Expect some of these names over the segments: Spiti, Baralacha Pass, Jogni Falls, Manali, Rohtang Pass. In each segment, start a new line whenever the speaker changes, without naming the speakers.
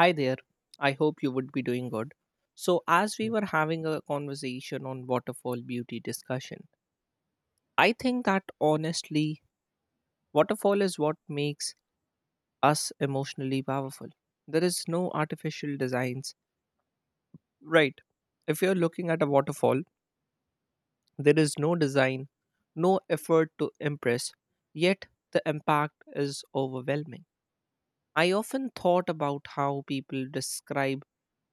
Hi there. I hope you would be doing good. So, as we
Yeah.
were having a conversation on waterfall beauty discussion, I think that honestly, waterfall is what makes us emotionally powerful. There is no artificial designs. Right. If you're looking at a waterfall, there is no design, no effort to impress, yet the impact is overwhelming. I often thought about how people describe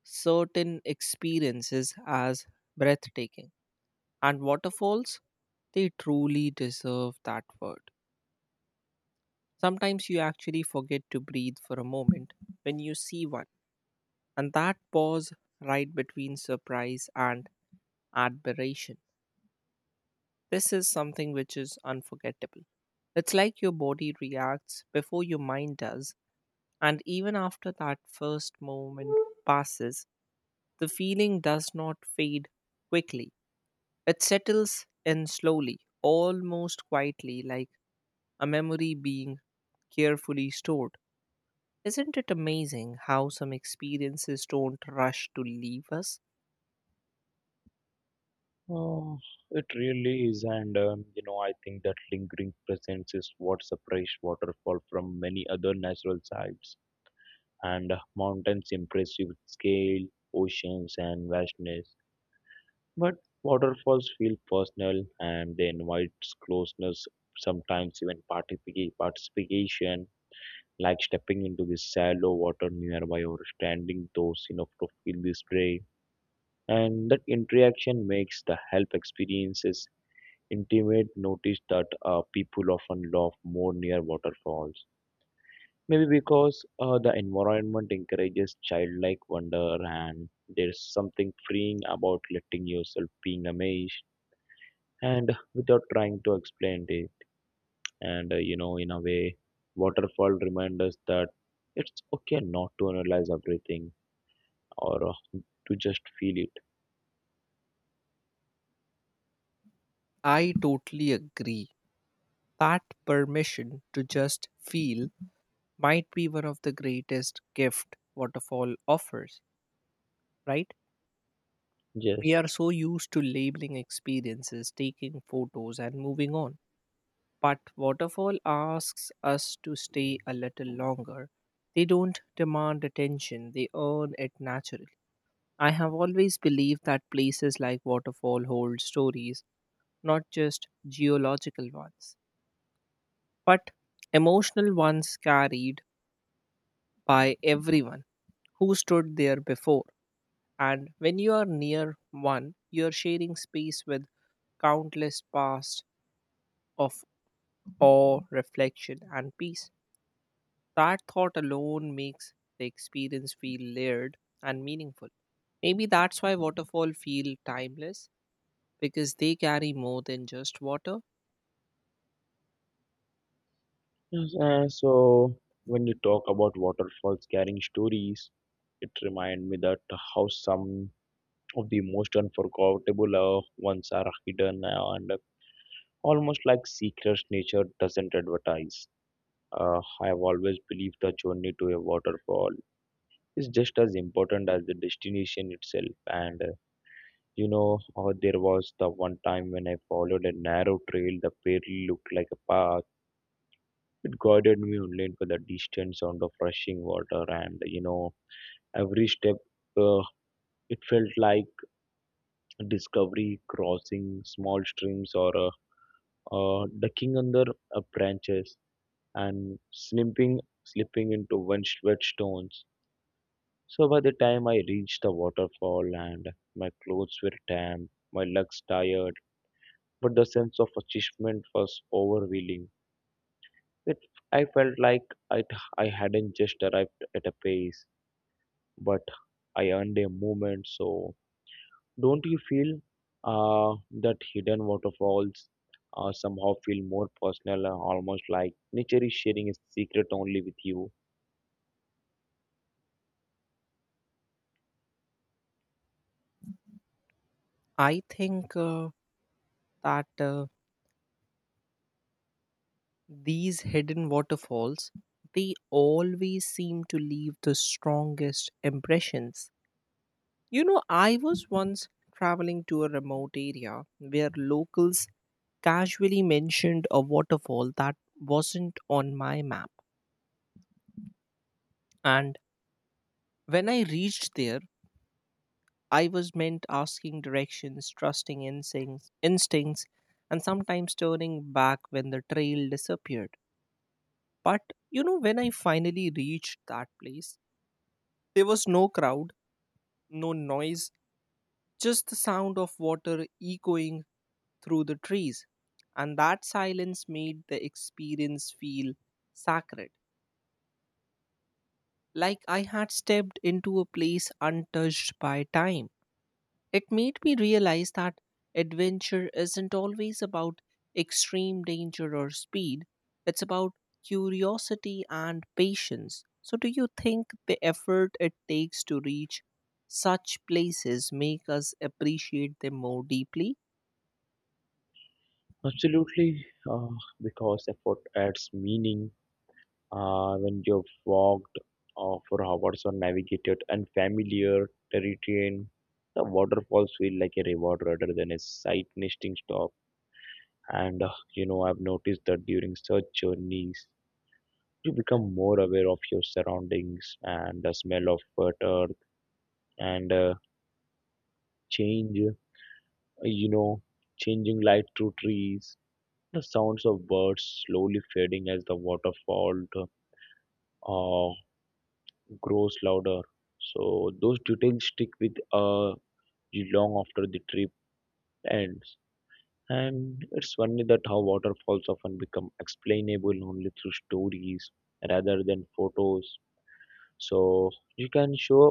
certain experiences as breathtaking. And waterfalls, they truly deserve that word. Sometimes you actually forget to breathe for a moment when you see one, and that pause right between surprise and admiration. This is something which is unforgettable. It's like your body reacts before your mind does, and even after that first moment passes, the feeling does not fade quickly. It settles in slowly, almost quietly, like a memory being carefully stored. Isn't it amazing how some experiences don't rush to leave us?
Uh, it really is, and I think that lingering presence is what separates waterfall from many other natural sites and mountains' impressive scale, oceans, and vastness. But waterfalls feel personal, and they invite closeness, sometimes even participation, like stepping into the shallow water nearby or standing close enough to feel the spray. And that interaction makes the help experiences intimate notice that people often laugh more near waterfalls. Maybe because the environment encourages childlike wonder and there's something freeing about letting yourself being amazed and without trying to explain it. And in a way, waterfall reminds us that it's okay not to analyze everything or to just feel it.
I totally agree. That permission to just feel might be one of the greatest gift waterfall offers, right? We
Yes.
are so used to labeling experiences, taking photos and moving on. But waterfall asks us to stay a little longer. They don't demand attention, they earn it naturally. I have always believed that places like waterfall hold stories, not just geological ones, but emotional ones carried by everyone who stood there before. And when you are near one, you are sharing space with countless past of awe, reflection, and peace. That thought alone makes the experience feel layered and meaningful. Maybe that's why waterfall feel timeless because they carry more than just water.
Yes, so when you talk about waterfalls carrying stories, it reminds me that how some of the most unforgettable ones are hidden and almost like secrets nature doesn't advertise. I have always believed the journey to a waterfall is just as important as the destination itself. And there was the one time when I followed a narrow trail that barely looked like a path. It guided me only for the distant sound of rushing water, and every step uh, it felt like discovery, crossing small streams or ducking under branches and slipping into wet stones. So by the time I reached the waterfall and my clothes were damp, my legs tired, but the sense of achievement was overwhelming. It, I felt like I, I hadn't just arrived at a place, but I earned a moment. So don't you feel that hidden waterfalls somehow feel more personal, almost like nature is sharing a secret only with you?
I think that these hidden waterfalls they always seem to leave the strongest impressions. You know, I was once traveling to a remote area where locals casually mentioned a waterfall that wasn't on my map, and when I reached there, I was meant asking directions, trusting instincts, and sometimes turning back when the trail disappeared. But you know, when I finally reached that place, there was no crowd, no noise, just the sound of water echoing through the trees. And that silence made the experience feel sacred, like I had stepped into a place untouched by time. It made me realize that adventure isn't always about extreme danger or speed, it's about curiosity and patience. So, do you think the effort it takes to reach such places make us appreciate them more deeply?
Absolutely, because effort adds meaning when you've walked for hours or navigated unfamiliar terrain. The waterfalls feel like a reward rather than a sight nesting stop. And I've noticed that during such journeys, you become more aware of your surroundings and the smell of wet earth and change you know changing light through trees, the sounds of birds slowly fading as the waterfall uh, grows louder, so those details stick with you long after the trip ends. And it's funny that how waterfalls often become explainable only through stories rather than photos. So you can show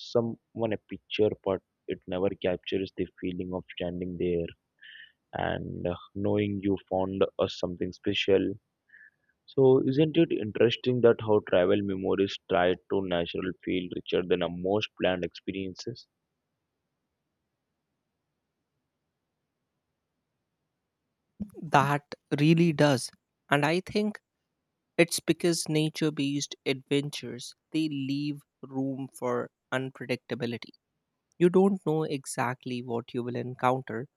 someone a picture, but it never captures the feeling of standing there and knowing you found something special. So isn't it interesting that how travel memories try to natural feel richer than a most planned experiences?
That really does. And I think it's because nature-based adventures, they leave room for unpredictability. You don't know exactly what you will encounter,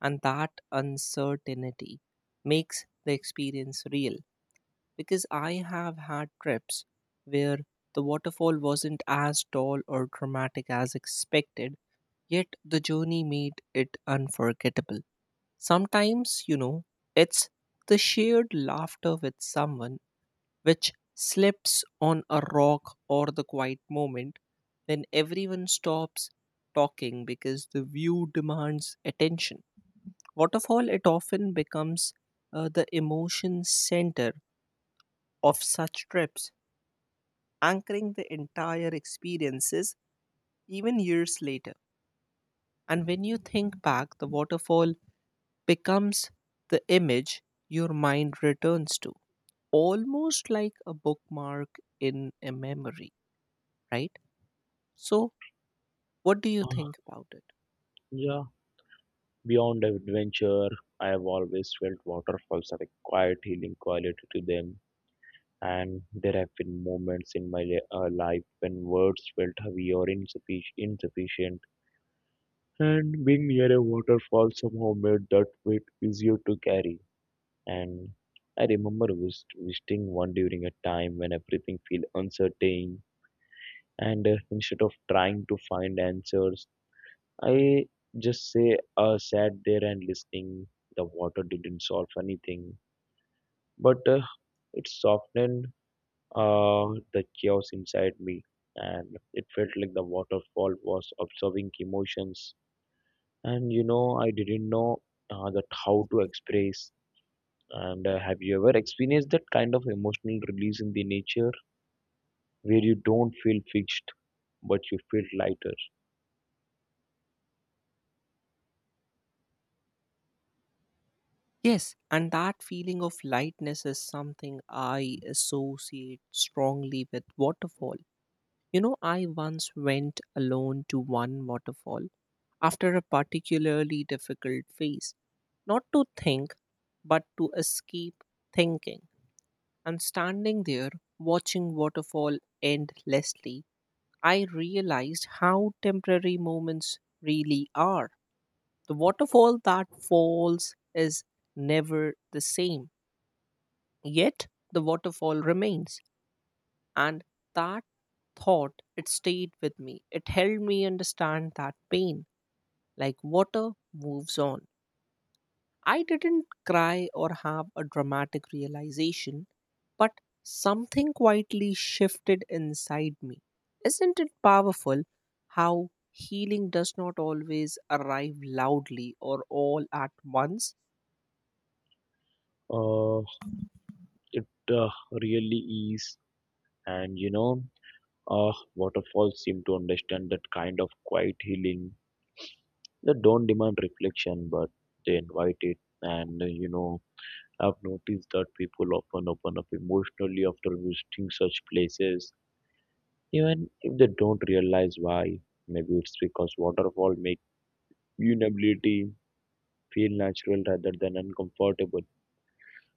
and that uncertainty makes the experience real, because I have had trips where the waterfall wasn't as tall or dramatic as expected, yet the journey made it unforgettable. Sometimes, you know, it's the shared laughter with someone which slips on a rock, or the quiet moment when everyone stops talking because the view demands attention. Waterfall, it often becomes the emotion center of such trips, anchoring the entire experiences even years later. And when you think back, the waterfall becomes the image your mind returns to, almost like a bookmark in a memory, right? So, what do you think
Uh,
about it?
yeah, beyond adventure, I have always felt waterfalls have a quiet healing quality to them. And there have been moments in my life when words felt heavy or insufficient. And being near a waterfall somehow made that weight easier to carry. And I remember visiting one during a time when everything felt uncertain. And instead of trying to find answers, I just say sat there and listening. The water didn't solve anything, but it softened uh, the chaos inside me, and it felt like the waterfall was observing emotions. And I didn't know that how to express. And have you ever experienced that kind of emotional release in the nature where you don't feel fixed but you feel lighter?
Yes, and that feeling of lightness is something I associate strongly with waterfall. You know, I once went alone to one waterfall after a particularly difficult phase, not to think, but to escape thinking. And standing there, watching waterfall endlessly, I realized how temporary moments really are. The waterfall that falls is never the same, yet the waterfall remains. And that thought, it stayed with me. It helped me understand that pain, like water, moves on. I didn't cry or have a dramatic realization, but something quietly shifted inside me. Isn't it powerful how healing does not always arrive loudly or all at once?
Uh, it uh, really is. And waterfalls seem to understand that kind of quiet healing. They don't demand reflection, but they invite it. And I've noticed that people often open up emotionally after visiting such places. Even if they don't realize why, maybe it's because waterfall make vulnerability feel natural rather than uncomfortable.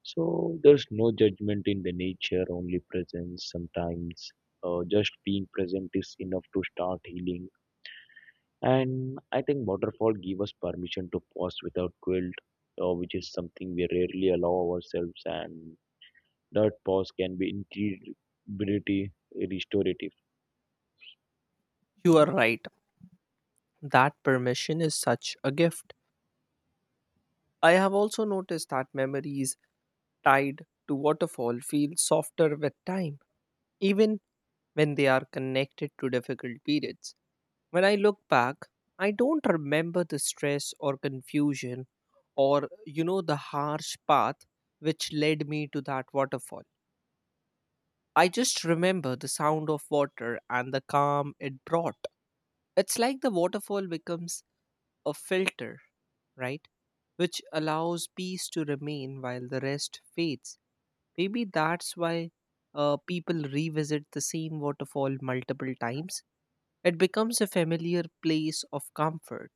So there's no judgment in the nature, only presence sometimes. Just being present is enough to start healing. And I think waterfall give us permission to pause without guilt, which is something we rarely allow ourselves. And that pause can be incredibly restorative.
You are right. That permission is such a gift. I have also noticed that memories tied to waterfall feel softer with time, even when they are connected to difficult periods. When I look back, I don't remember the stress or confusion, or, you know, the harsh path which led me to that waterfall. I just remember the sound of water and the calm it brought. It's like the waterfall becomes a filter, right? Which allows peace to remain while the rest fades. Maybe that's why people revisit the same waterfall multiple times. It becomes a familiar place of comfort.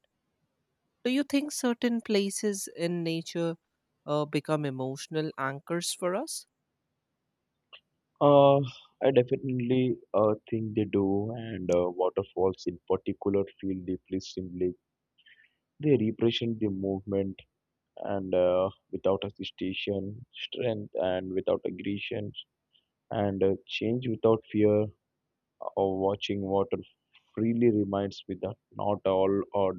Do you think certain places in nature become emotional anchors for us?
Uh, I definitely think they do, and waterfalls in particular feel deeply symbolic. They represent the movement, and without hesitation, strength, and without aggression, and change without fear. Of watching water freely reminds me that not all or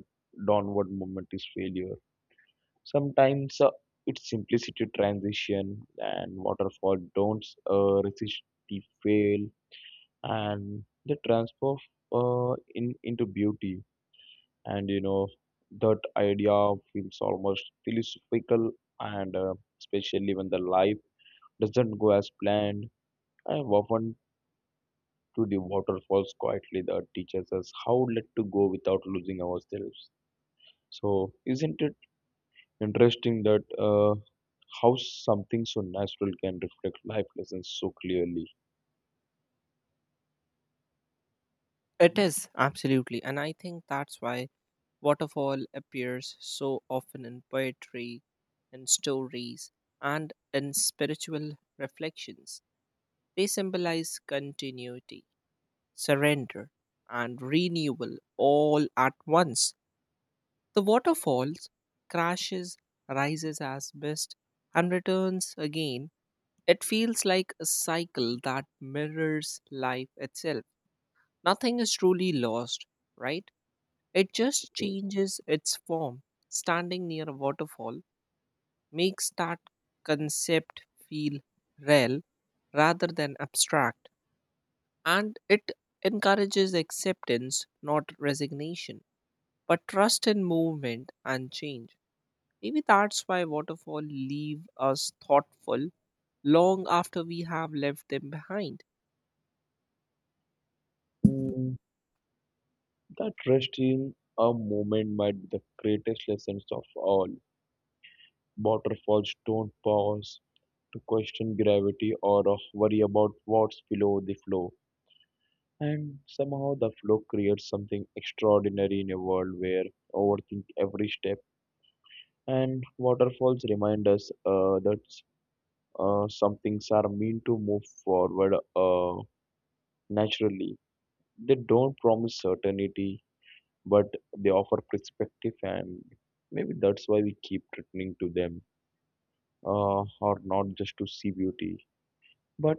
downward movement is failure. Sometimes it's simplicity transition, and waterfall don't resist the fail and they transform in into beauty. And that idea feels almost philosophical, and especially when the life doesn't go as planned, I have often to the waterfalls quietly that teaches us how let to go without losing ourselves. So isn't it interesting that how something so natural can reflect life lessons so clearly?
It is, absolutely. And I think that's why waterfall appears so often in poetry, in stories, and in spiritual reflections. They symbolize continuity, surrender, and renewal all at once. The water falls, crashes, rises as mist, and returns again. It feels like a cycle that mirrors life itself. Nothing is truly lost, right? It just
Yes.
changes its form. Standing near a waterfall makes that concept feel real rather than abstract, and it encourages acceptance, not resignation, but trust in movement and change. Maybe that's why waterfall leave us thoughtful long after we have left them behind.
Mm, That rest in a moment might be the greatest lessons of all. Waterfalls don't pause to question gravity or of worry about what's below the flow. And somehow the flow creates something extraordinary in a world where overthink every step. And waterfalls remind us that some things are meant to move forward naturally. They don't promise certainty, but they offer perspective, and maybe that's why we keep returning to them, or not just to see beauty but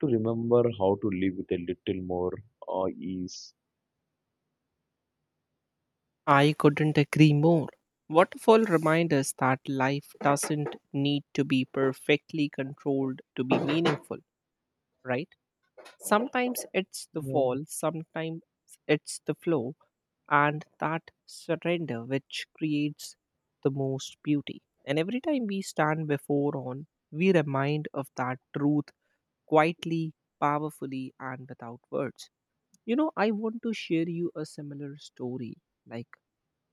to remember how to live with a little more ease.
I couldn't agree more. Waterfall remind us that life doesn't need to be perfectly controlled to be meaningful, right? Sometimes it's the
Yeah.
fall, sometimes it's the flow, and that surrender which creates the most beauty. And every time we stand before on, we remind of that truth, quietly, powerfully, and without words. You know, I want to share you a similar story. Like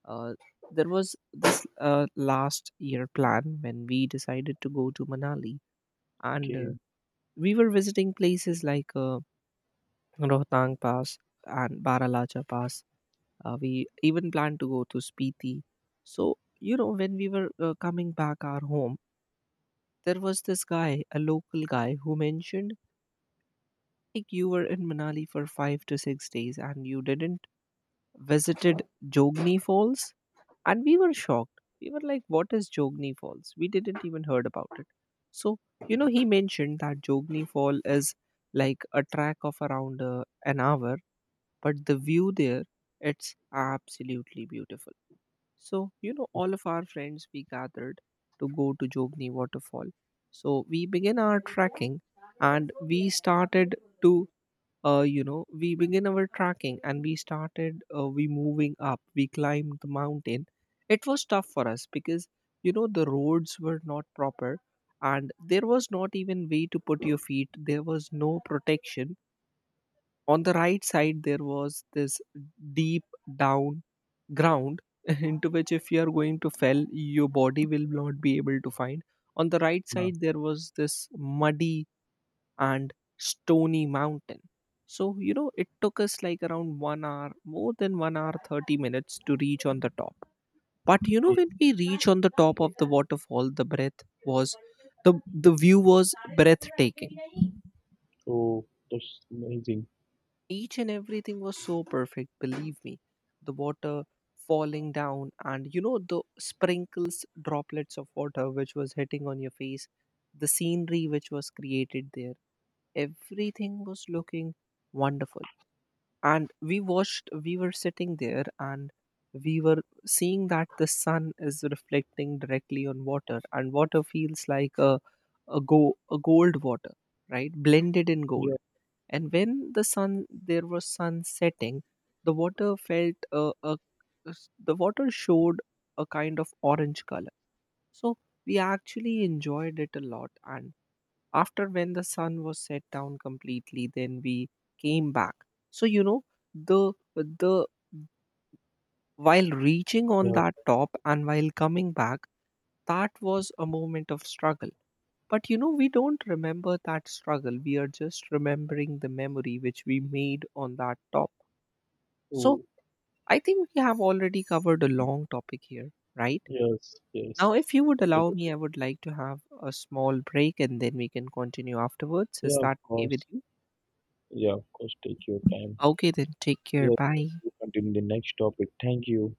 uh, there was this last year plan when we decided to go to Manali. and uh,
Okay.
we were visiting places like Rohtang Pass and Baralacha Pass. We even planned to go to Spiti. So, you know, when we were coming back our home, there was this guy, a local guy, who mentioned, like, you were in Manali for 5 to 6 days and you didn't visited Jogni Falls. And we were shocked. We were like, what is Jogni Falls? We didn't even heard about it. So, you know, he mentioned that Jogni Fall is like a track of around an hour, but the view there, it's absolutely beautiful. So, you know, all of our friends we gathered to go to Jogni waterfall. So, we began our trekking and we started to, we began our trekking and we started, we moving up, we climbed the mountain. It was tough for us because, you know, the roads were not proper and there was not even way to put your feet, there was no protection. On the right side, there was this deep down ground into which if you are going to fell, your body will not be able to find. On the right
Yeah,
side, there was this muddy and stony mountain. So, you know, it took us like around 1 hour, more than 1 hour 30 minutes to reach on the top. But you know,
okay.
when we reach on the top of the waterfall, was the the view was breathtaking.
So that's amazing.
Each and everything was so perfect, believe me. The water falling down, and, the sprinkles, droplets of water which was hitting on your face, the scenery which was created there, everything was looking wonderful. And we watched, we were sitting there and we were seeing that the sun is reflecting directly on water, and water feels like a gold water, right? Blended in
Yeah,
gold. And when the sun, there was sun setting, the water felt uh, a, the water showed a kind of orange color. So we actually enjoyed it a lot, and after when the sun was set down completely, then we came back. So you know, the the while reaching on
yeah.
that top and while coming back, that was a moment of struggle. But you know, we don't remember that struggle. We are just remembering the memory which we made on that top. So,
Oh,
I think we have already covered a long topic here, right?
yes, yes,
Now, if you would allow
absolutely.
me, I would like to have a small break and then we can continue afterwards. Is
Yeah, of
that okay with
course.
you?
Yeah, of course, take your time.
Okay, then take care.
Yes,
Bye.
we'll continue the next topic. Thank you.